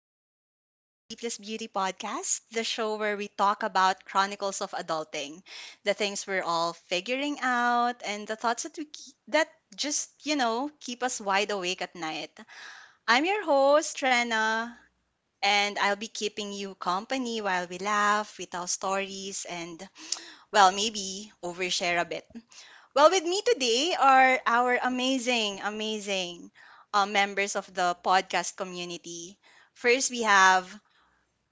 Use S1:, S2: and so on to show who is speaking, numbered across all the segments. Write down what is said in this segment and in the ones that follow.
S1: and welcome to the Sleepless Beauty Podcast, the show where we talk about chronicles of adulting, the things we're all figuring out, and the thoughts that we keep, that just keep us wide awake at night. I'm your host, Trena, and I'll be keeping you company while we laugh, we tell stories, and well, maybe overshare a bit. Well, with me today are our amazing members of the podcast community. First, we have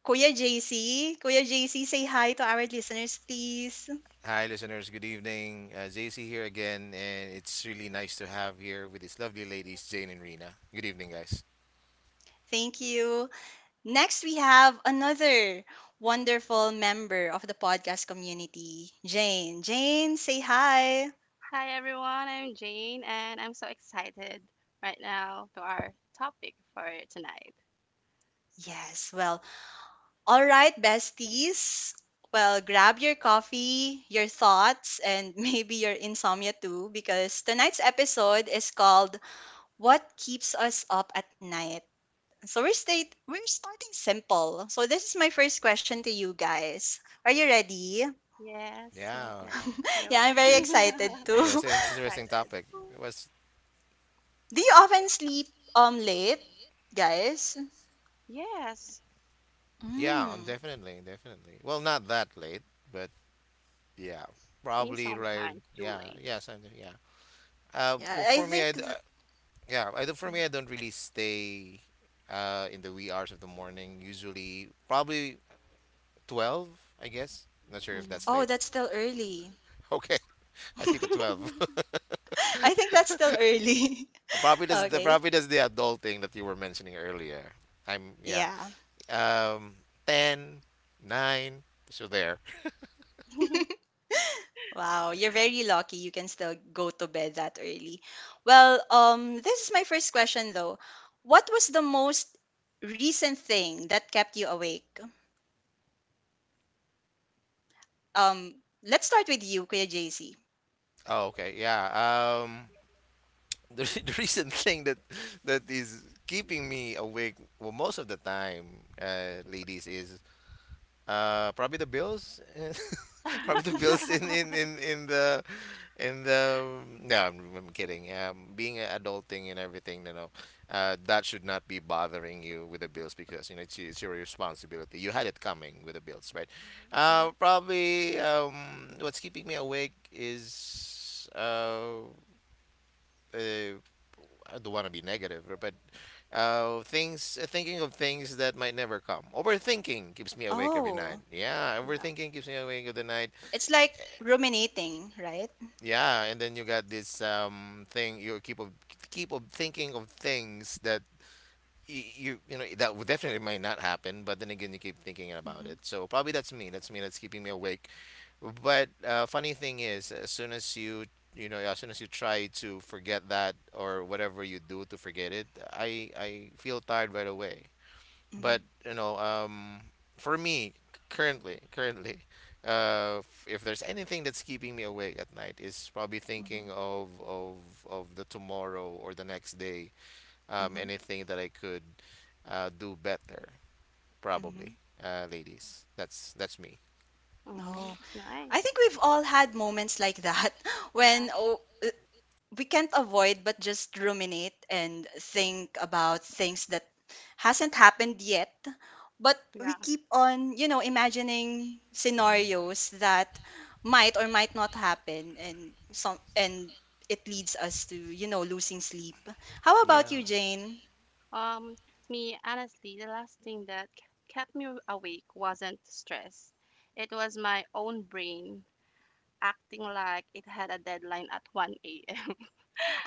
S1: Kuya JC. Kuya JC, say hi to our listeners, please.
S2: Hi, listeners. Good evening. JC here again, and it's really nice to have here with these lovely ladies, Jane and Rena. Good evening, guys.
S1: Thank you. Next, we have another wonderful member of the podcast community, Jane. Jane, say hi.
S3: Hi everyone, I'm Jane and I'm so excited right now to our topic for tonight
S1: Yes, well, all right, besties. Well, grab your coffee, your thoughts, and maybe your insomnia too, because tonight's episode is called What Keeps Us Up at Night. So we're starting simple. So this is my first question to you guys. Are you ready?
S3: Yes, yes,
S2: Yeah,
S3: yes.
S1: Yeah,
S3: Yo,
S1: I'm very
S2: since
S1: excited
S2: yeah, it's
S1: too.
S2: an
S3: so
S2: interesting
S3: excited.
S2: topic. It was
S1: Do you often sleep late, guys?
S3: Yes,
S2: Yeah, on
S1: Mm.
S2: definitely, definitely. Well, not that late, but yeah,
S3: me
S2: probably right.
S3: sometimes too
S2: Yeah,
S3: late.
S2: yeah, something. Yeah.
S1: Yeah,
S2: Well,
S1: I
S2: for me,
S1: think th-
S2: I do. Not for me, I don't really stay in the wee hours of the morning. Usually, probably 12, I guess. Not sure if
S3: Hmm.
S2: that's
S1: oh,
S2: late.
S1: that's still early.
S2: Okay, I sleep at 12.
S1: I think that's still early. Okay.
S2: Probably does the adult thing that you were mentioning earlier. I'm yeah.
S1: Yeah.
S2: Um Ten, 9, so there.
S1: Wow, you're very lucky you can still go to bed that early. Well, this is my first question though. What was the most recent thing that kept you awake? Um, let's start with you, Kuya JC.
S2: Oh, okay. Yeah. Um the, re- The recent thing that is keeping me awake, well, most of the time, ladies, is probably the bills. Probably the bills in the And no, I'm kidding. Being an adulting and everything, you know, that should not be bothering you with the bills because you know it's your responsibility. You had it coming with the bills, right?
S1: Mhm.
S3: Yeah,
S2: Probably what's keeping me awake is uh, I don't want to be negative, but things thinking of things that might never come. Overthinking keeps me awake every night.
S1: Oh,
S2: Yeah,
S3: yeah.
S2: overthinking keeps me awake of the night.
S1: it's like ruminating, right?
S2: Yeah, and then you got this thing you keep of thinking of things that you you know that would definitely might not happen, but then again you keep thinking about
S1: Mm-hmm.
S2: it. So probably that's me. That's me. That's keeping me awake. But funny thing is, as soon as you you know as soon as you try to forget that or whatever you do to forget it, I feel tired right away,
S1: mm-hmm,
S2: but you know, for me, if there's anything that's keeping me awake at night, is probably
S1: mm-hmm,
S2: thinking of the tomorrow or the next day,
S1: mm-hmm,
S2: anything that I could do better,
S1: mm-hmm.
S2: probably. Ladies, that's me.
S3: Hmm,
S1: Oh,
S3: that's
S1: I
S3: nice.
S1: think we've all had moments like that
S3: Yeah,
S1: when we can't avoid but just ruminate and think about things that hasn't happened yet. But we
S3: yeah.
S1: keep on, you know, imagining
S2: hmm
S1: scenarios that might or might not happen, and it leads us to, you know, losing sleep. How about
S2: yeah.
S1: you, Jane?
S3: Um, Me honestly, the last thing that kept me awake wasn't stress. It was my own brain acting like it had a deadline at 1 a.m.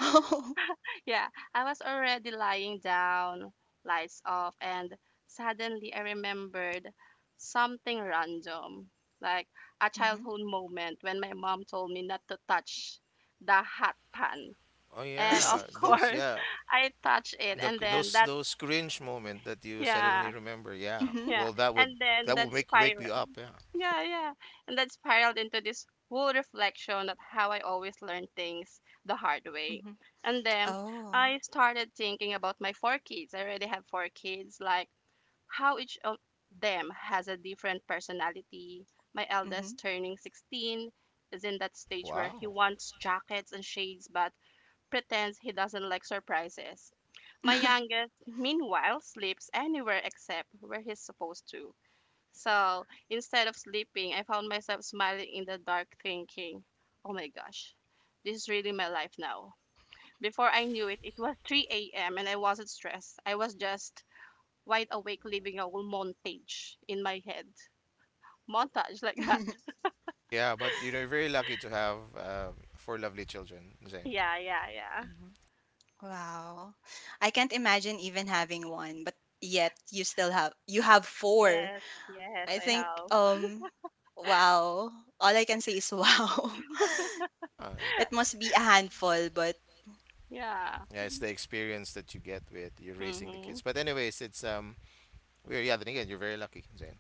S1: Oh.
S3: Yeah, I was already lying down, lights off, and suddenly I remembered something random, like a
S1: Mm-hmm.
S3: childhood moment when my mom told me not to touch the hot pan.
S2: Oh
S3: And of
S2: yeah, those
S3: course,
S2: yeah
S3: I touched it,
S2: the
S3: and then that,
S2: those cringe moment that you suddenly
S3: yeah,
S2: remember. Yeah.
S1: mm-hmm.
S3: yeah,
S2: Well, that would
S3: and then that
S2: make wake you
S3: spiral.
S2: up. Yeah.
S3: Yeah, yeah. And that spiraled into this whole reflection of how I always learn things the hard way.
S1: Mm-hmm.
S3: And then
S1: Oh.
S3: I started thinking about my four kids. I already have four kids, like how each of them has a different personality. My
S1: Mm-hmm.
S3: eldest turning 16 is in that stage where he
S2: Wow.
S3: wants jackets and shades but pretends he doesn't like surprises. My youngest, meanwhile, sleeps anywhere except where he's supposed to. So instead of sleeping, I found myself smiling in the dark, thinking, oh my gosh, this is really my life now. Before I knew it, it was 3 a.m. and I wasn't stressed. I was just wide awake living a whole montage in my head. Montage like that.
S2: Yeah, but you know, you're very lucky to have four lovely children, Zane.
S3: Yeah, yeah, yeah.
S1: Wow. I can't imagine even having one, but yet you have four.
S3: Yes, yes,
S1: I
S3: I
S1: think
S3: have.
S1: wow. All I can say is wow.
S2: Yeah, yeah.
S1: It must be a handful, but
S3: Yeah.
S2: Yeah, it's the experience that you get with you raising the
S3: Mm-hmm.
S2: kids. But anyways, it's we're yeah. Then again, you're very lucky, Zane.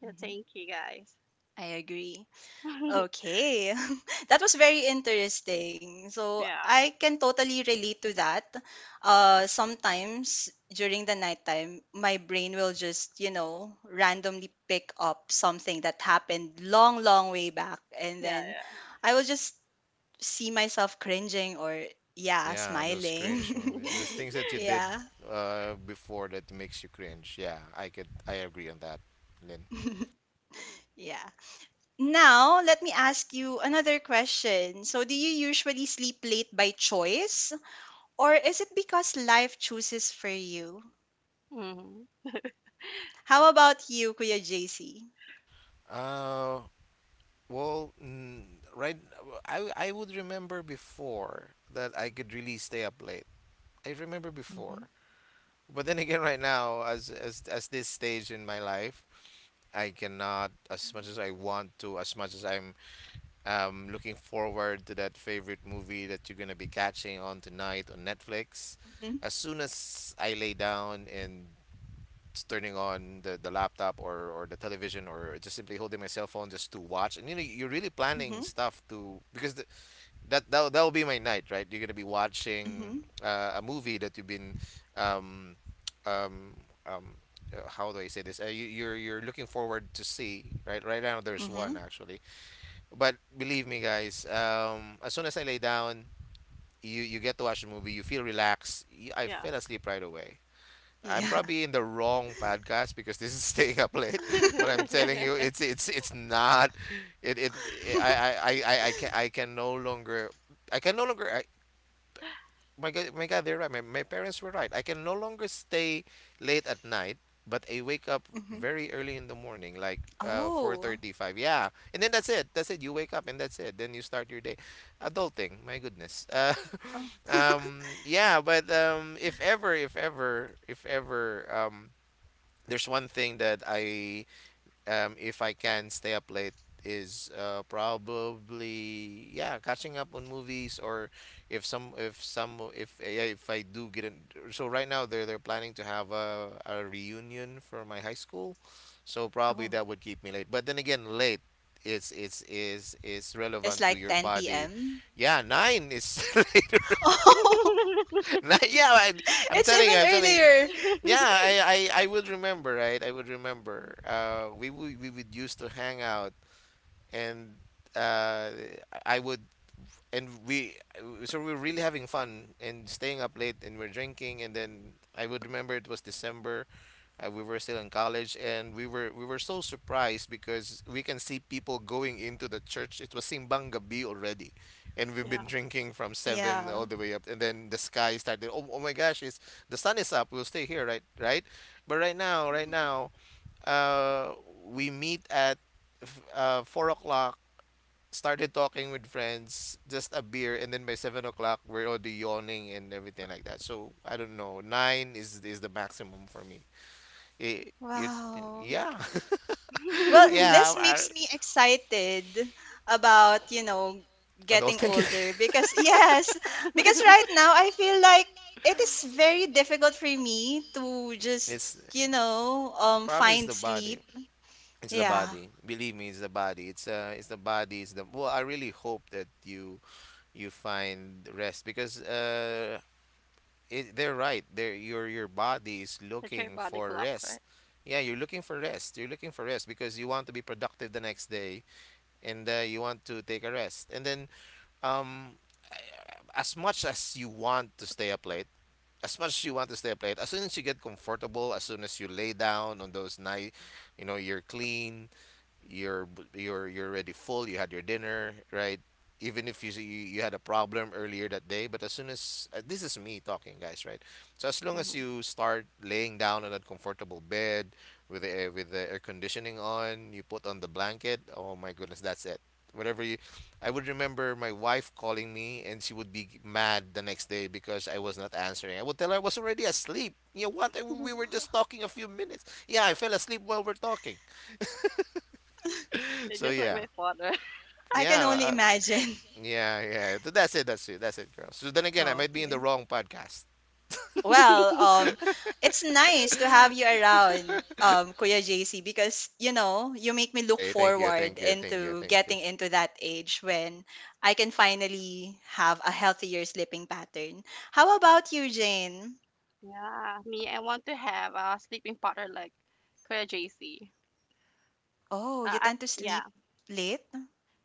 S3: Yeah,
S1: mhm,
S3: thank you guys.
S1: I agree. Okay. That was very interesting. So
S3: Yeah,
S1: I can totally relate to that. Sometimes during the nighttime, my brain will just, you know, randomly pick up something that happened long, long way back. And
S3: yeah,
S1: then
S3: yeah.
S1: I will just see myself cringing, or yeah,
S2: Yeah, those
S1: smiling.
S2: cringe movies, those things that you did
S1: Yeah.
S2: before that makes you cringe. Yeah, I could, I agree on that, Lynn.
S1: Yeah. Now, let me ask you another question. So, do you usually sleep late by choice, or is it because life chooses for you?
S3: Mm-hmm.
S1: How about you, Kuya JC?
S2: Uh, Well, right, I would remember before that I could really stay up late. I remember before.
S1: Mm-hmm,
S2: But then again, right now, as this stage in my life, I cannot. As much as I want to, as much as I'm looking forward to that favorite movie that you're going to be catching on tonight on Netflix.
S1: mm-hmm,
S2: As soon as I lay down and turning on the laptop or the television or just simply holding my cell phone just to watch, and you know you're really planning
S1: mm-hmm,
S2: stuff to, because that will be my night, right? You're gonna be watching
S1: mm-hmm,
S2: a movie that you've been um um um how do I say this? You're looking forward to see right right now. There's one
S1: mm-hmm.
S2: actually, but believe me, guys. As soon as I lay down, you get to watch the movie. You feel relaxed. I
S3: Yeah.
S2: fell asleep right away. I'm
S1: Yeah.
S2: probably in the wrong podcast because this is staying up late, but I'm telling you, it's not. It I can no longer, I can no longer. My God, my God, they're right. My parents were right. I can no longer stay late at night, but I wake up
S1: Mm-hmm.
S2: very early in the morning, like four
S1: Oh.
S2: thirty-five. Yeah, and then that's it. That's it. You wake up and that's it. Then you start your day. Adulting, my goodness.
S1: Oh.
S2: Yeah, but if ever, there's one thing that I if I can stay up late is probably yeah catching up on movies, or if some if some if yeah, if I do get in. So right now they're planning to have a reunion for my high school, so probably
S1: Oh.
S2: that would keep me late, but then again late is
S1: It's
S2: relevant to
S1: like
S2: your
S1: 10
S2: body.
S1: p.m.
S2: Yeah, nine is later.
S1: Oh,
S2: Na- yeah, I, I'm
S1: it's
S2: telling
S1: even
S2: you, I'm telling you.
S1: earlier.
S2: Yeah, I, I would remember, right? I would remember. We would used to hang out, and uh, I would and we so we were really having fun and staying up late and we're drinking, and then I would remember it was December. We were still in college, and we were so surprised because we can see people going into the church. It was Simbang Gabi already, and we've been
S3: yeah.
S2: drinking from seven
S1: Yeah.
S2: all the way up, and then the sky started. Oh, oh my gosh! It's The sun is up. We'll stay here, right? Right? But right now, right now, uh, we meet at 4 o'clock, started talking with friends, just a beer, and then by 7 o'clock we're already yawning and everything like that. So I don't know. Nine is the maximum for me. Y- you
S1: Wow.
S2: Yeah.
S1: Well,
S2: Yeah,
S1: this
S2: I,
S1: makes me excited about, you know,
S2: I don't
S1: getting
S2: think.
S1: older because yes, because right now I feel like it is very difficult for me to just, you know,
S2: Probably it's
S1: find
S2: the body.
S1: sleep.
S2: It's the
S1: Yeah.
S2: body. Believe me, it's the body. It's the body. It's the well. I really hope that you find rest, because they're right. Your body is
S3: That's your
S2: looking
S3: body
S2: for
S3: clock,
S2: rest.
S3: right?
S2: Yeah, you're looking for rest. You're looking for rest because you want to be productive the next day. And you want to take a rest. And then, um, as much as you want to stay up late, as much as you want to stay up late, as soon as you get comfortable, as soon as you lay down on those night, you know, you're clean, you're you're already full, you had your dinner, right? Even if you you had a problem earlier that day, but as soon as this is me talking, guys, right? So as long as
S3: Mhm.
S2: you start laying down on that comfortable bed with the air conditioning on, you put on the blanket, oh my goodness, that's it. Whatever you I would remember my wife calling me, and she would be mad the next day because I was not answering. I would tell her I was already asleep. You know what, we were just talking a few minutes, yeah, I fell asleep while we're talking.
S3: You're
S2: So
S3: just like
S2: yeah.
S3: my father.
S1: I can
S2: yeah,
S1: only
S2: uh,
S1: imagine.
S2: yeah. That's it, that's it, that's it, girls. So then again, I might be in the
S1: Okay.
S2: wrong podcast.
S1: Well, it's nice to have you around, Kuya JC, because you know you make me look
S2: Okay, thank you,
S1: forward
S2: thank you, thank you,
S1: into
S2: thank you.
S1: getting into that age when I can finally have a healthier sleeping pattern. How about you, Jane?
S3: Yeah, me, I want to have a sleeping partner like Kuya JC.
S1: Oh, you
S3: At
S1: tend to
S3: yeah,
S1: sleep late?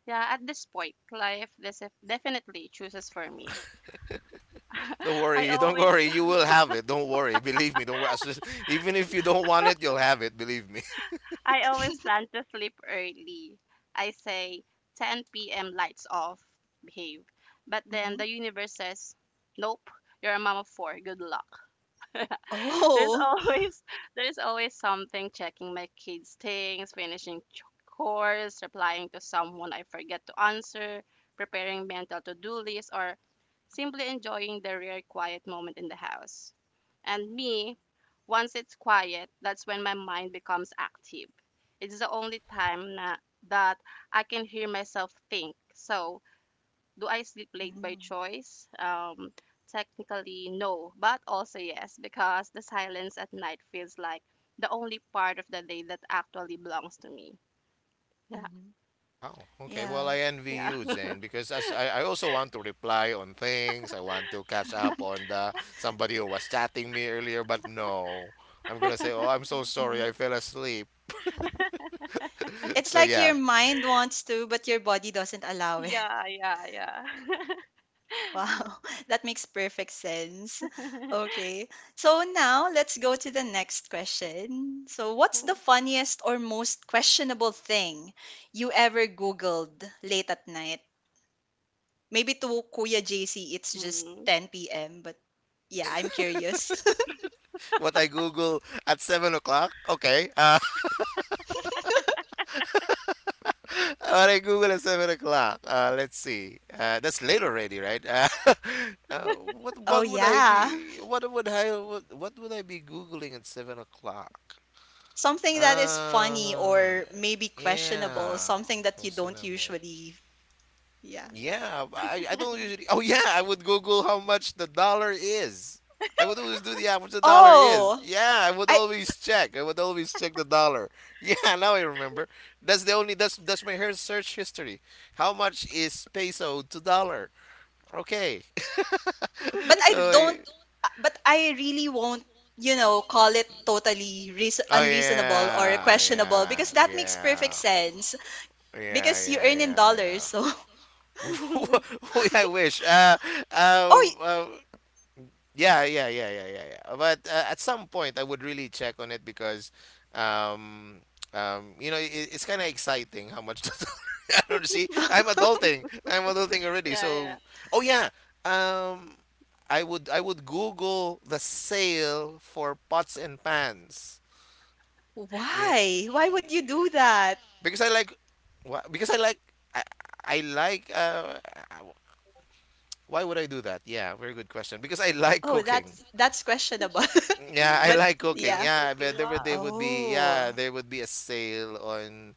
S3: yeah. At this point, life this definitely chooses for me.
S2: Don't worry,
S3: I
S2: you don't
S3: always
S2: worry, you will have it. Don't worry, believe me, don't worry. As soon as— Even if you don't want it, you'll have it, believe me.
S3: I always plan to sleep early. I say 10 p.m. lights off, behave. But then
S1: Hmm.
S3: the universe says, nope, you're a mom of four. Good luck. there's
S1: Oh.
S3: always there's always something checking my kids' things, finishing chores, replying to someone I forget to answer, preparing mental to-do lists, or simply enjoying the rare quiet moment in the house. And me, once it's quiet, that's when my mind becomes active. It's the only time na, that I can hear myself think. So do I sleep late by
S1: Mm,
S3: choice? Technically, no, but also yes, because the silence at night feels like the only part of the day that actually belongs to me. Yeah,
S1: mhm.
S2: Wow. Okay, well,
S1: Yeah.
S2: I envy
S3: yeah,
S2: you, Jane, because as I also want to reply on things. I want to catch up on the somebody who was chatting me earlier, but no. I'm gonna say, oh, I'm so sorry,
S1: Mhm.
S2: I fell asleep.
S1: It's
S2: So
S1: like your
S2: yeah.
S1: mind wants to, but your body doesn't allow it.
S3: yeah, yeah, yeah.
S1: Wow, that makes perfect sense. Okay. So now let's go to the next question. So, what's the funniest or most questionable thing you ever Googled late at night? Maybe to Kuya JC, it's just
S3: Mm.
S1: 10 p.m., but yeah, I'm curious.
S2: What I Google at 7 o'clock. Okay, what I Google at 7 o'clock. Let's see. That's late already, right? Uh, what
S1: Oh,
S2: what would I
S1: yeah.
S2: be? What would I what would I be googling at 7 o'clock?
S1: Something that is funny
S2: Uh,
S1: or maybe questionable,
S2: yeah,
S1: something that you don't
S2: questionable.
S1: usually, yeah.
S2: I don't usually. Oh yeah, I would Google how much the dollar is. I would always do the how much the dollar is. Oh.
S1: Oh,
S2: Yeah, I would
S1: I,
S2: always check. I would always check the dollar. Yeah, now I remember. That's the only. That's my hair search history. How much is peso to dollar? Okay.
S1: but I
S2: So.
S1: don't
S2: I-
S1: but I really won't, you know, call it totally reas
S2: Oh
S1: unreasonable or
S2: yeah, reach
S1: questionable,
S2: yeah,
S1: because
S2: out.
S1: that makes perfect
S2: Yeah,
S1: sense
S2: yeah,
S1: because you
S2: yeah,
S1: earn
S2: you
S1: in dollars,
S2: yeah,
S1: so
S2: yeah. Dollars. I wish.
S1: oh
S2: Um,
S1: y-
S2: uh, Yeah, yeah, yeah, yeah, yeah, yeah. But at some point, I would really check on it because, um, you know, it's kind of exciting how much. I don't see. I'm adulting. I'm adulting already.
S3: yeah, yeah.
S2: So, oh yeah. Um, I would Google the sale for pots and pans. Y-
S1: why would
S2: y-
S1: you do that?
S2: Because I like, wha- because I like, I, I like. Why would I do that? Yeah, very good question. Because I like
S1: Oh,
S2: cooking.
S1: that's questionable.
S2: Yeah, I
S1: But
S3: Mm,
S2: like
S3: you
S2: cooking.
S3: love
S1: yeah.
S2: Yeah, but
S3: cooking.
S2: there would they
S3: Wow.
S2: would be
S1: Oh,
S2: yeah, there would be a sale on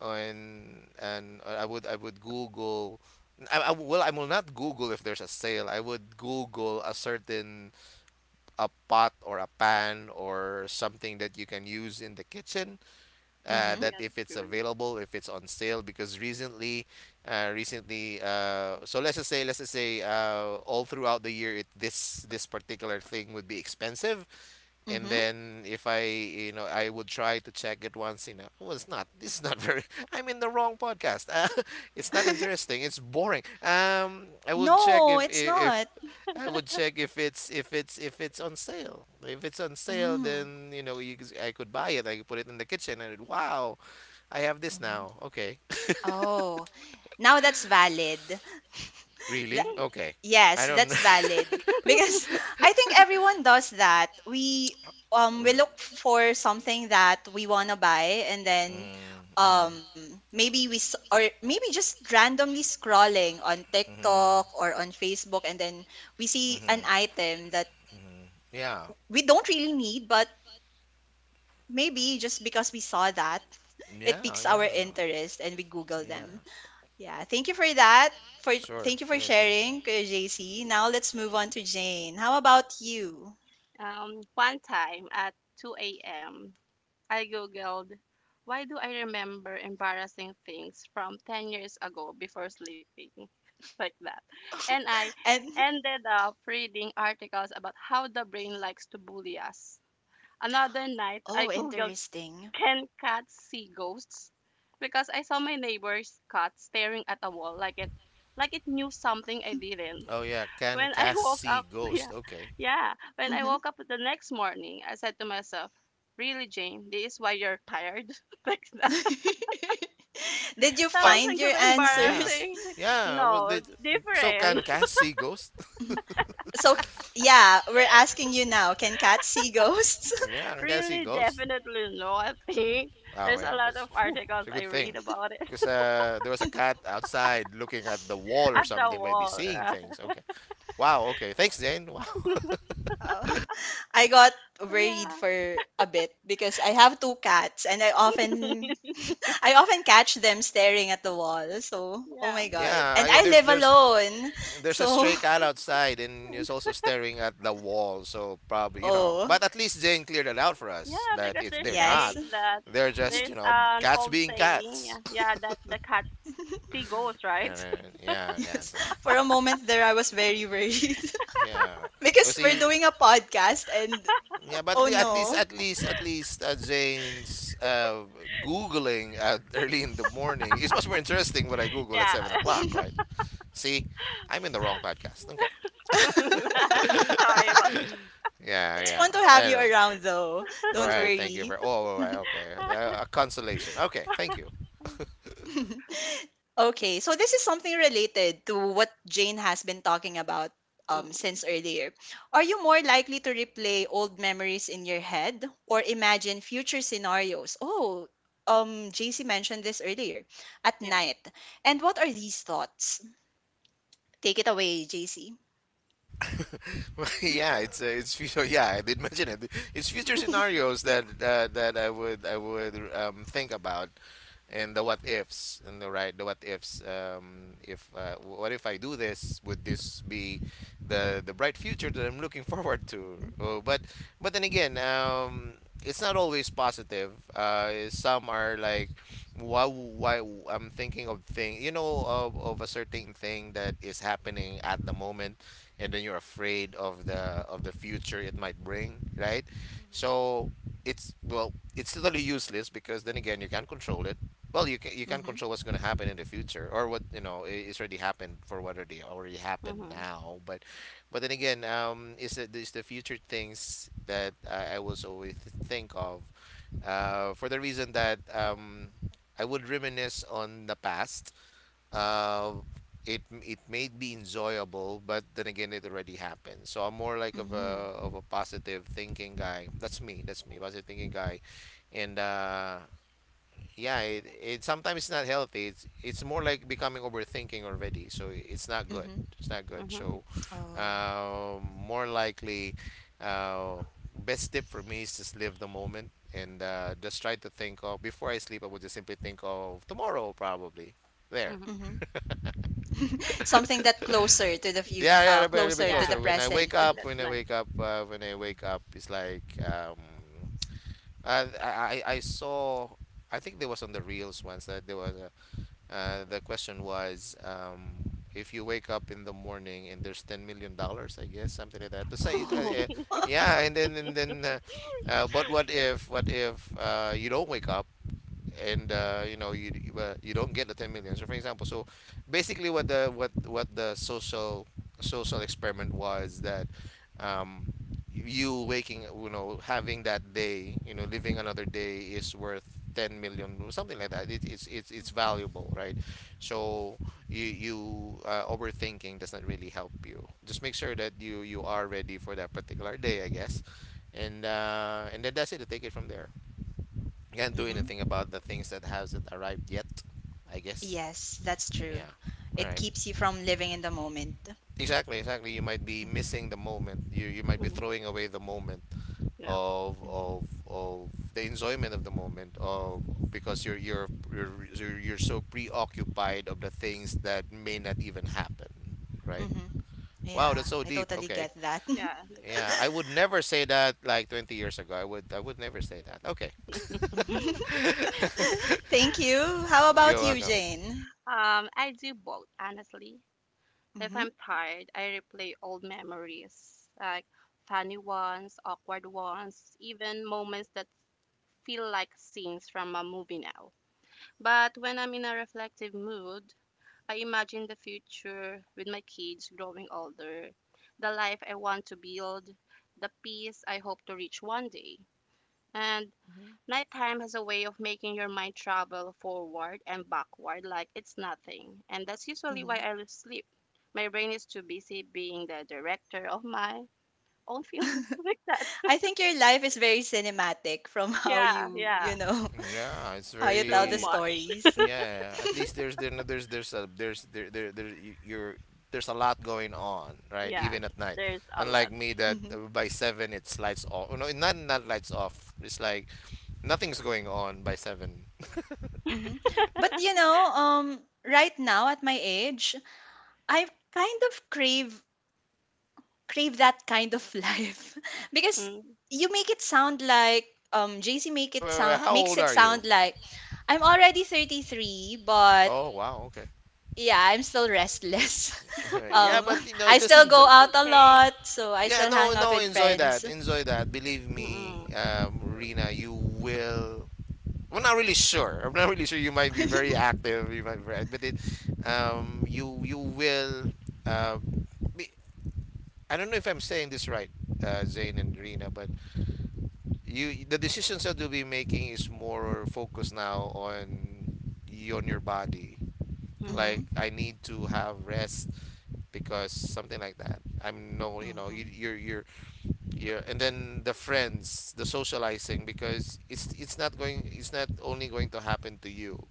S2: on and I would Google. Well, I will not Google if there's a sale. I would Google a pot or a pan or something that you can use in the kitchen,
S1: mm-hmm.
S3: Yeah,
S2: that if
S3: that's
S2: it's
S3: good.
S2: available, if it's on sale. Because recently, let's just say, all throughout the year, it this particular thing would be expensive, and
S1: mm-hmm
S2: then if I, I would try to check it once. It's not This is not very. I'm in the wrong podcast, it's not interesting, it's boring. I would check
S1: No, it's
S2: if
S1: not.
S2: I would check if it's on sale.
S1: Mm-hmm
S2: Then, you know, I could buy it, I could put it in the kitchen, and it, wow, I have this
S1: Mm-hmm.
S2: now. Okay.
S1: Oh, now that's valid.
S2: Really? Okay. I
S1: Yes,
S2: don't.
S1: that's valid, because I think everyone does that. We look for something that we want to buy, and
S2: Mm,
S1: then
S2: mm, mm.
S1: um maybe or maybe just randomly scrolling on
S2: Hmm.
S1: TikTok or on Facebook, and then we
S2: We.
S1: see an
S2: Hmm.
S1: item that
S2: That. Hmm. Yeah.
S1: we don't really need, but maybe just because we saw that, it
S2: Yeah.
S1: piques our
S2: Yeah.
S1: interest and we google
S2: We. Yeah.
S1: them. Yeah, thank you for that. For
S2: That. Sure. Thank you.
S1: Thank you for
S2: Sure. Sure. Sure.
S1: sharing, Kuya JC. Now let's move on to Jane. How about you?
S3: One time at 2 a.m. I googled, why do I remember embarrassing things from 10 years ago before sleeping? Like that. And I
S1: And
S3: ended up reading articles about how the brain likes to bully us. Another night, I
S1: oh,
S3: googled,
S1: interesting.
S3: can cats see ghosts? Because I saw my neighbor's cat staring at a wall like it knew something I
S2: move
S3: didn't
S2: Oh yeah. Can
S3: when I woke
S2: Cassie
S3: up,
S2: ghost?
S3: yeah,
S2: Okay.
S3: yeah, when I
S1: Hmm.
S3: woke up the next morning, I said to myself, "Really, Jane? This is why you're tired?" like that.
S1: Did you
S2: So to what?
S3: Sometimes I
S1: find your
S3: feel
S1: answers?
S2: Yes.
S3: embarrassing. Like,
S2: Yeah. Was
S3: no,
S2: the So can
S3: different.
S2: Cassie ghost?
S1: Mhm. Yeah, we're asking you now. Can cats see ghosts?
S2: Yeah. Can Cassie
S3: Really,
S2: ghost?
S3: definitely no. I think
S2: Oh
S3: there's
S2: yeah,
S3: a
S2: it
S3: lot
S2: was,
S3: of
S2: whew,
S3: articles
S2: it's a
S3: I
S2: good thing,
S3: read about
S2: because,
S3: it
S2: there was a cat outside looking at the wall or
S3: at the
S2: something, maybe
S3: wall,
S2: seeing
S3: right?
S2: things. Okay. Wow. Okay. Thanks, Jane. Wow.
S1: Oh, I got
S3: So,
S1: worried
S3: yeah,
S1: for a bit because I have two cats and I often I often catch them staring at the wall. So, oh
S3: yeah,
S1: my god.
S2: Yeah.
S1: And I
S2: There's
S1: live
S2: there's
S1: alone.
S2: there's a
S1: So
S2: stray cat outside, and it's also staring at the wall. So probably, you know,
S1: oh,
S2: but at least Jane cleared it out for us
S3: yeah,
S2: that
S3: because
S2: it's
S3: they're
S2: they're not.
S1: yes.
S3: saying that
S2: They're just,
S3: there's
S2: you know,
S3: an
S2: cats
S3: old
S2: being
S3: saying, yeah,
S2: cats.
S3: yeah, that the cats see ghosts, right?
S2: And, yeah.
S1: Yes.
S2: Cats.
S1: For a moment there, I was very worried
S2: Yeah.
S1: because we're
S2: Kasi,
S1: doing a podcast and
S2: yeah, but
S1: oh no.
S2: at least, Jane's, Googling at early in the morning is much more interesting when I Google at
S3: Yeah.
S2: 7 o'clock, right? See, I'm in the wrong podcast. Okay.
S3: Sorry about that.
S2: Yeah,
S1: It's
S2: yeah.
S1: fun to have
S2: I
S1: you
S2: know.
S1: around though.
S2: All
S1: Don't
S2: right. Thank you
S1: worry.
S2: for. Oh, all right. Okay. A consolation. Okay. Thank you.
S1: Okay, so this is something related to what Jane has been talking about,
S3: Mm,
S1: since earlier. Are you more likely to replay old memories in your head or imagine future scenarios? Oh, JC mentioned this earlier at
S3: yeah.
S1: night. And what are these thoughts? Take it away, JC.
S2: Well, yeah, it's future. Yeah, I did mention it. It's future scenarios that I would think about, and the what ifs, and the what ifs. If What if I do this? Would this be the bright future that I'm looking forward to?
S1: Mhm.
S2: Oh, but then again, it's not always positive. Some are like, why I'm thinking of thing of a certain thing that is happening at the moment, and then you're afraid of the future it might bring, right?
S1: mhm,
S2: So, it's well, it's totally useless, because then again you can't control it. Well, you can't
S1: mhm,
S2: control what's going to happen in the future, or what, it's already happened, for what already happened
S3: Mhm.
S2: now. But, then again, is the future things that I was always think of, for the reason that I would reminisce on the past. uh, it may be enjoyable, but then again, it already happened. So I'm more like
S1: mhm, mhm.
S2: of a positive thinking guy. That's me. That's me. Positive thinking guy. And, yeah, it's not healthy. It's more like becoming overthinking already. So it's not good.
S1: mhm.
S2: It's not good.
S3: Mhm.
S2: So,
S1: Oh.
S2: more likely, uh, best tip for me is just live the moment, and, just try to think of before I sleep. I would just simply think of tomorrow, probably. There.
S3: Mhm.
S1: Mhm. Something that closer to the future,
S2: Yeah, yeah, a bit
S1: closer to
S3: Yeah,
S1: the
S2: closer. When I
S1: present.
S2: wake up,
S3: that's
S2: when I
S3: nice.
S2: wake up, When I wake up, it's like, I saw. I think there was on the reels once that there was a, the question was, if you wake up in the morning and there's $10 million, I guess, something like that. The same,
S1: Oh.
S2: yeah. And then, but what if, you don't wake up? And, you know, you, you don't get the 10 million. So for example, so basically what the social experiment was, that, um, you know, having that day, you know, living another day is worth 10 million, or something like that. It's
S1: Mhm.
S2: valuable, right? So, you, overthinking does not really help. You just make sure that you are ready for that particular day, I guess. And then that's it. Take it from there. Can't do
S1: Mhm.
S2: anything about the things that hasn't arrived yet, I guess.
S1: Yes, that's true.
S2: Yeah. All
S1: It
S2: right.
S1: keeps you from living in the moment.
S2: Exactly, exactly. You might be
S1: Mhm.
S2: missing the moment. You might be
S3: Mhm.
S2: throwing away the moment
S3: Yeah,
S1: Mhm.
S2: of the enjoyment of the moment of because you're, so preoccupied of the things that may not even happen, right?
S1: Mhm.
S2: Wow,
S1: Yeah,
S2: that's so
S1: I
S2: deep.
S1: totally
S2: Okay.
S1: get that.
S3: yeah, that's so
S2: Yeah,
S3: deep.
S2: I would never say that like 20 years ago. I would never say that. Okay.
S1: Mhm. Thank you. How about
S2: You're
S1: you,
S2: welcome.
S1: Jane?
S3: I do both, honestly. If
S1: Mhm.
S3: I'm tired, I replay old memories, like funny ones, awkward ones, even moments that feel like scenes from a movie now. But when I'm in a reflective mood, I imagine the future with my kids growing older, the life I want to build, the peace I hope to reach one day. And
S1: Mhm.
S3: nighttime has a way of making your mind travel forward and backward like it's nothing. And that's
S1: Mhm.
S3: usually why
S1: Mhm.
S3: I lose sleep. My brain is too busy being the director of my own film like that.
S1: I think your life is very cinematic from how
S3: Yeah,
S1: you, you know,
S2: Yeah, it's
S1: how you tell the
S2: very.
S1: stories.
S2: Yeah, at least there's there no- there's a there's there there, there you- you're there's a lot going on, right?
S3: yeah,
S2: Even at night.
S3: there's a lot.
S2: Unlike me, that,
S1: Hmm
S2: by 7 it's lights off. No, not lights off. It's like nothing's going on by 7.
S1: hmm. But you know, right now at my age, I kind of crave that kind of life, because
S3: Mm.
S1: you make it sound like JC make
S2: Wait,
S1: it
S2: wait, wait.
S1: sound
S2: How
S1: makes
S2: old
S1: it
S2: are you?
S1: sound like I'm already 33, but
S2: Oh wow, okay.
S1: yeah, I'm still restless.
S2: Yeah,
S1: um
S2: but,
S1: I
S2: just
S1: still
S2: enjoy.
S1: go
S3: It's
S1: out a
S3: okay.
S1: lot, so I
S2: Yeah,
S1: still
S2: no,
S1: hang out
S2: no,
S1: with
S2: enjoy
S1: friends.
S2: that. Enjoy that. Believe me,
S3: Mm-mm. So,
S2: Rina, you will I'm not really sure. I'm not really sure. You might be very active. You might be right, but you will. Uh, be, I don't know if I'm saying this right, Zane and Rina, but you the decisions that you'll be making is more focused now on you, on your body.
S3: mhm,
S1: Mhm.
S2: Like I need to have rest, because something like that. I'm no, you know, you,
S1: mhm
S2: you're yeah, and then the friends, the socializing, because it's not only going to happen to you.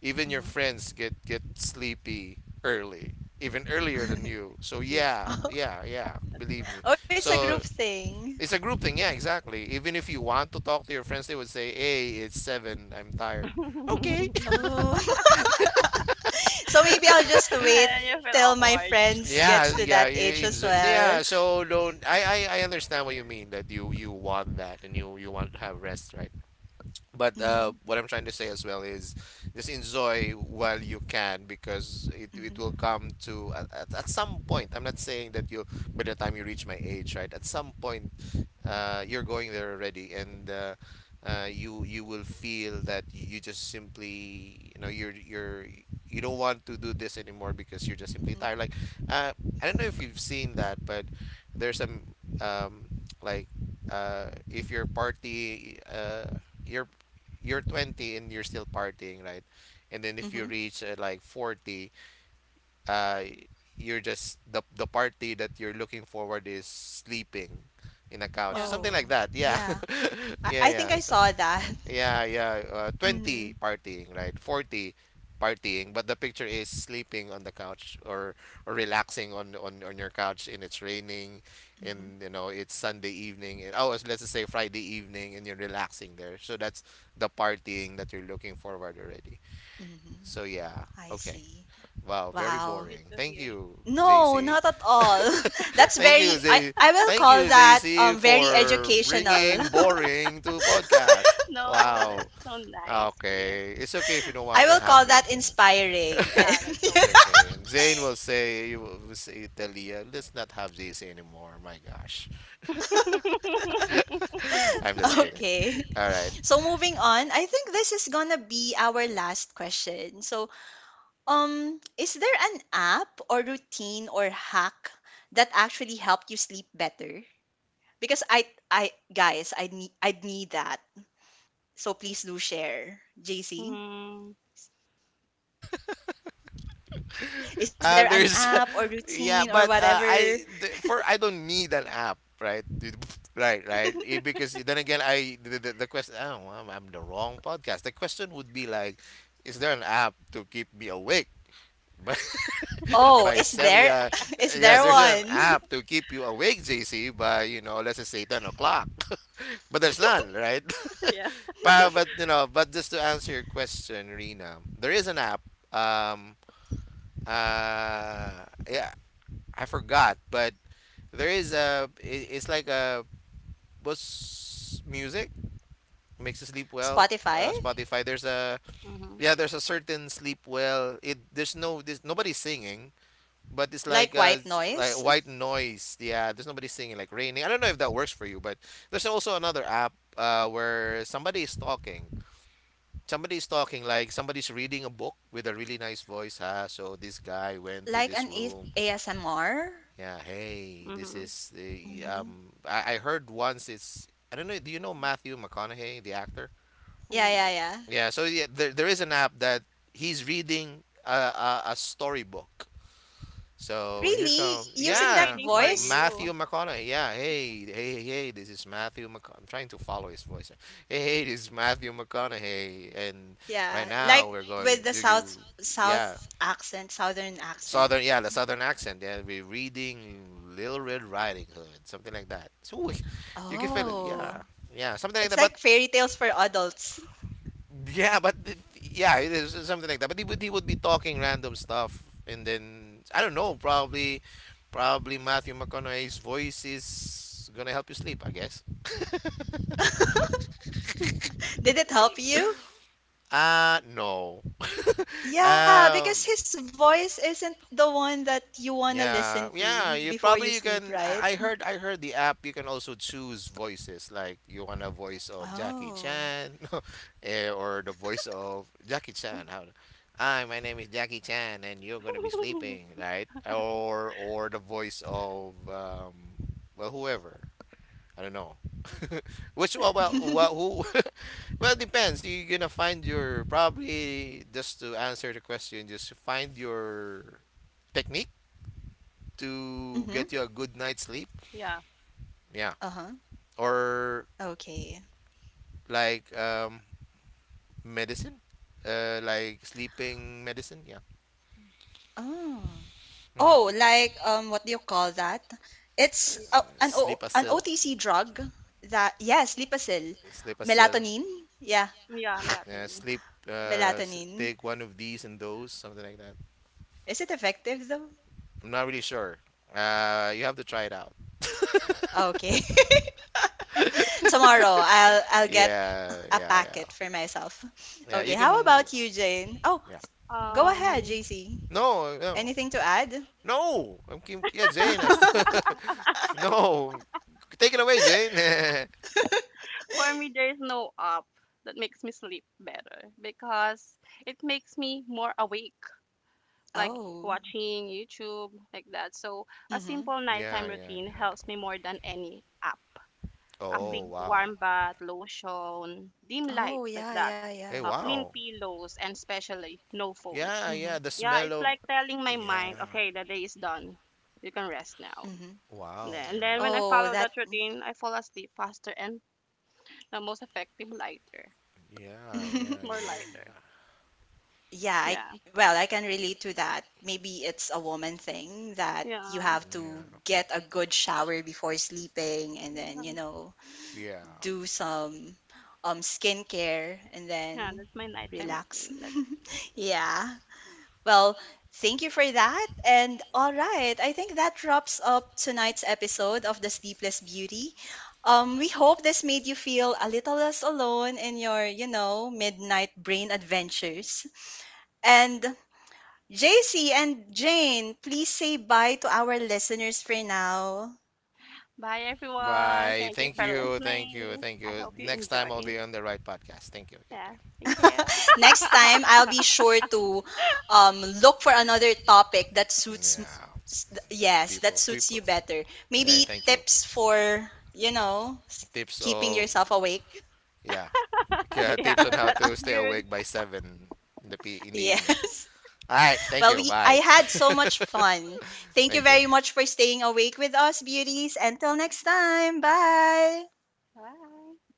S2: Even your
S1: mhm
S2: friends get sleepy early, even earlier than you. So
S3: yeah,
S2: yeah,
S1: Oh,
S2: yeah, yeah.
S3: that's
S2: Believe me.
S1: oh, it's a group
S2: So
S1: thing.
S2: it's a group thing. Yeah, exactly. Even if you want to talk to your friends, they would say, "Hey, it's 7. I'm
S3: right.
S2: tired." Okay.
S1: Oh. So maybe I'll just
S3: And
S1: wait
S3: then you feel
S1: till my
S3: awkward.
S1: friends
S2: Yeah,
S1: gets to
S2: yeah,
S1: that age as
S2: yeah.
S1: well.
S2: So don't. I understand what you mean, that you want that, and you want to have rest, right? But,
S1: Mhm.
S2: what I'm trying to say as well is just enjoy while you can, because it
S1: mhm
S2: will come to, at some point. I'm not saying that you by the time you reach my age, right? At some point, you're going there already. And, you will feel that you just simply, you don't want to do this anymore, because you're just simply
S1: mhm
S2: tired, like, uh, I don't know if you've seen that, but there's some, like, if you're you're 20 and you're still partying, right? And then, if you
S1: mhm
S2: reach, like, 40, uh, you're just, the party that you're looking forward is sleeping in a couch,
S3: Yeah,
S2: something
S1: Oh,
S2: like that. Yeah,
S1: yeah.
S2: yeah,
S1: I
S2: yeah.
S1: think I
S2: So,
S1: saw that.
S2: yeah, yeah.
S1: Mhm.
S2: 20 partying, right? 40 partying, but the picture is sleeping on the couch, or relaxing on, your couch, and it's raining,
S1: Mhm.
S2: and, it's Sunday evening, and oh, let's just say Friday evening, and you're relaxing there. So that's the partying that you're looking forward already.
S1: Mhm.
S2: So yeah,
S1: I
S2: okay.
S1: see.
S2: Wow, very
S1: Wow.
S3: you
S2: boring.
S3: just
S2: Thank
S3: hear
S2: you,
S1: No,
S3: Lucy.
S2: JC.
S1: not at all. That's
S2: Thank you,
S1: very
S2: J.
S1: I will
S2: Thank
S1: call
S2: you,
S1: that
S2: JC,
S1: very
S2: for
S1: educational.
S2: bringing boring to podcast.
S3: No, that's
S2: Wow.
S3: so nice here.
S2: Okay, it's okay if you don't
S1: I
S2: want to
S1: will
S2: have
S1: call
S2: me
S1: that
S2: again.
S1: inspiring.
S3: Yeah, that's so
S2: It's
S1: And
S2: okay. And
S3: inspiring.
S2: You will say, Talia, let's not have JC anymore. My gosh, I'm just kidding.
S1: okay.
S2: All right.
S1: So moving on, I think this is gonna be our last question. So, is there an app or routine or hack that actually helped you sleep better? Because I guys, I'd need that. So please do share, JC.
S3: Mm,
S1: Is
S2: Uh,
S1: there an
S2: there's,
S1: app or
S2: yeah,
S1: routine or
S2: but,
S1: whatever?
S2: I th- for I don't need an app, right? Dude, Right, right. Because then again, I the question. Oh, I'm the wrong podcast. The question would be like, is there an app to keep me awake? By
S1: Oh,
S2: by
S1: is there?
S2: Sevia,
S1: Is
S2: yes,
S1: there
S2: there's an
S1: one?
S2: app to keep you awake, JC. Let's just say 10 o'clock, but there's none, right?
S3: yeah.
S2: But, but just to answer your question, Rina, there is an app. Um, yeah, I forgot, but there is a I- it's like a, what's music makes you sleep well.
S1: Spotify?
S2: Spotify. There's a
S3: Mhm.
S2: Yeah. There's a certain sleep well. It there's no There's nobody singing, but it's like,
S1: Like white
S2: like
S1: noise?
S2: white noise. Yeah, there's nobody singing, like raining. I don't know if that works for you, but there's also another app, where somebody is talking. Somebody's talking like somebody's reading a book with a really nice voice. So this guy went to
S1: Like
S2: this
S1: an A-
S2: room.
S1: ASMR?
S2: Yeah, hey, this
S3: Mhm.
S2: is the,
S1: Mm-hmm.
S2: I heard once, it's I don't know, do you know Matthew McConaughey, the actor?
S1: Yeah, yeah,
S3: No.
S1: yeah.
S2: Yeah, so yeah, there is an app that he's reading a storybook. So here
S1: Really?
S2: comes,
S3: So it's
S1: Using that
S2: yeah,
S3: reading for
S1: voice?
S3: you.
S2: Matthew McConaughey. Yeah, hey, hey, hey, this is Matthew McConaughey. I'm trying to follow his voice. Hey, hey, this is Matthew McConaughey. And right
S1: Yeah,
S2: now
S1: like
S2: we're going,
S1: with the south
S2: yeah,
S1: south accent, southern accent.
S2: Southern, yeah, the southern accent. Yeah, we reading Little Red Riding Hood, something like that. So you can feel it.
S1: Oh,
S2: Yeah, yeah, something like
S1: it's
S2: that. But
S1: like
S2: it's like
S1: fairy tales
S2: fairy
S1: for
S2: tales for
S1: adults.
S2: adults. Yeah, but, yeah, it is something like that. But he would be talking random stuff. And then I don't know, probably, Matthew McConaughey's voice is gonna help you sleep, I guess.
S1: Did it help you?
S2: No.
S1: Yeah, because his
S2: Because his.
S1: voice isn't the one that you want to listen
S2: Yeah,
S1: to
S2: yeah.
S1: before you
S2: You
S1: sleep,
S2: can.
S1: right?
S2: I heard. I heard the app. You can also choose voices. Like you want a voice of Jackie
S1: Oh.
S2: Chan. Or the voice of Jackie Chan. How? Hi, my name is Jackie Chan, and you're gonna be sleeping, right? Or the voice of, well, whoever. I don't know. Which
S1: Mm-hmm.
S2: Well, who? Well, depends. You're gonna find your Probably just to answer the question. Just find your technique to get you a good night's sleep.
S3: Yeah.
S2: Yeah.
S1: Uh-huh.
S2: Or
S1: Okay.
S2: like, medicine, like sleeping medicine. Yeah.
S1: Oh.
S2: Hmm.
S1: Oh, like what do you call that?
S3: so
S1: It's
S3: it-
S1: a, an o,
S2: Sleep
S1: an
S2: acil,
S1: OTC drug that, yes, Lipacil.
S2: sleep acil.
S1: Melatonin? Yeah,
S3: Yeah,
S2: Yeah,
S3: melatonin.
S2: sleep.
S1: melatonin.
S2: Take one of these and those, something like that.
S1: Is it effective though?
S2: I'm not really sure. You have to try it out.
S1: Okay. Tomorrow I'll get
S2: Yeah,
S1: a
S2: yeah, yeah.
S1: packet for myself.
S2: Yeah,
S1: Okay,
S2: you
S1: how
S2: can.
S1: about you, Jane? Oh,
S2: Yeah.
S1: go ahead,
S3: Um,
S1: JC.
S2: No, no.
S1: Anything to add?
S2: No, I'm Kim. Yeah, Zane has to. No, take it away, Zane. Yeah,
S3: for me, there is no app that makes me sleep better because it makes me more awake, like
S1: Oh.
S3: watching YouTube, like that. So a
S1: Mm-hmm.
S3: simple
S2: yeah,
S3: nighttime
S2: yeah,
S3: routine
S2: yeah.
S3: helps me more than any app. A quick
S2: Oh
S1: Mm-hmm.
S2: wow.
S3: warm bath, lotion, dim light
S1: Oh,
S3: like
S1: yeah,
S3: that,
S1: yeah, yeah.
S2: Hey,
S3: clean
S2: wow.
S3: pillows, and especially no phone.
S2: Yeah,
S1: Mm-hmm.
S2: yeah. The
S3: Yeah,
S2: smell
S3: it's
S2: of.
S3: like telling my mind,
S2: Yeah.
S3: okay, the day is done. You can rest now.
S1: Mm-hmm.
S3: And
S2: Wow.
S3: then, and
S2: Yeah.
S3: then when I
S1: Oh,
S3: follow
S1: that.
S3: that routine, I fall asleep faster and the most effective lighter,
S2: Yeah. Yeah.
S3: more lighter.
S2: Yeah.
S1: Yeah, I
S3: Yeah,
S1: well, I can relate to that. Maybe it's a woman thing that you
S3: yeah,
S1: have
S2: Yeah.
S1: to
S2: Yeah.
S1: get a good shower before sleeping, and
S3: yeah,
S1: then, you know,
S2: Yeah.
S1: do some skincare and
S3: yeah.
S1: then
S3: That's my
S2: Mm.
S3: nighttime
S1: relax.
S3: routine. That's
S1: Yeah. Well, thank you for that. And all right, I think that wraps up tonight's episode of The Sleepless Beauty. We hope this made you feel a little less alone in your, you know, midnight brain adventures. And JC and Jane, please say bye to our listeners for now.
S3: bye everyone.
S2: Bye.
S3: Thank you
S2: Thank
S3: for
S2: you. Thank you.
S3: listening.
S2: Thank
S3: I
S2: you.
S3: hope you
S2: Next time I'll
S3: enjoy.
S2: be on the right podcast. Thank you.
S3: Yeah,
S2: Okay.
S3: thank you.
S1: Next time, I'll be sure to look for another topic that suits, m-
S2: Yeah.
S1: s- th- yes, that
S2: People.
S1: suits
S2: People.
S1: you better.
S2: Hey,
S1: Maybe
S2: thank you.
S1: tips for, you know,
S2: Tips
S1: keeping
S2: of
S1: yourself awake.
S2: Yeah. Okay,
S3: Yeah,
S2: tips on how
S3: that's
S2: to stay
S3: good.
S2: awake by 7 in the p in the evening.
S1: Yes.
S2: All right, thank
S1: Well,
S2: you.
S1: we I
S2: Bye.
S1: had so much fun. Thank you
S2: Thank you.
S1: very much for staying awake with us, beauties. Until next time. Bye.
S3: Bye.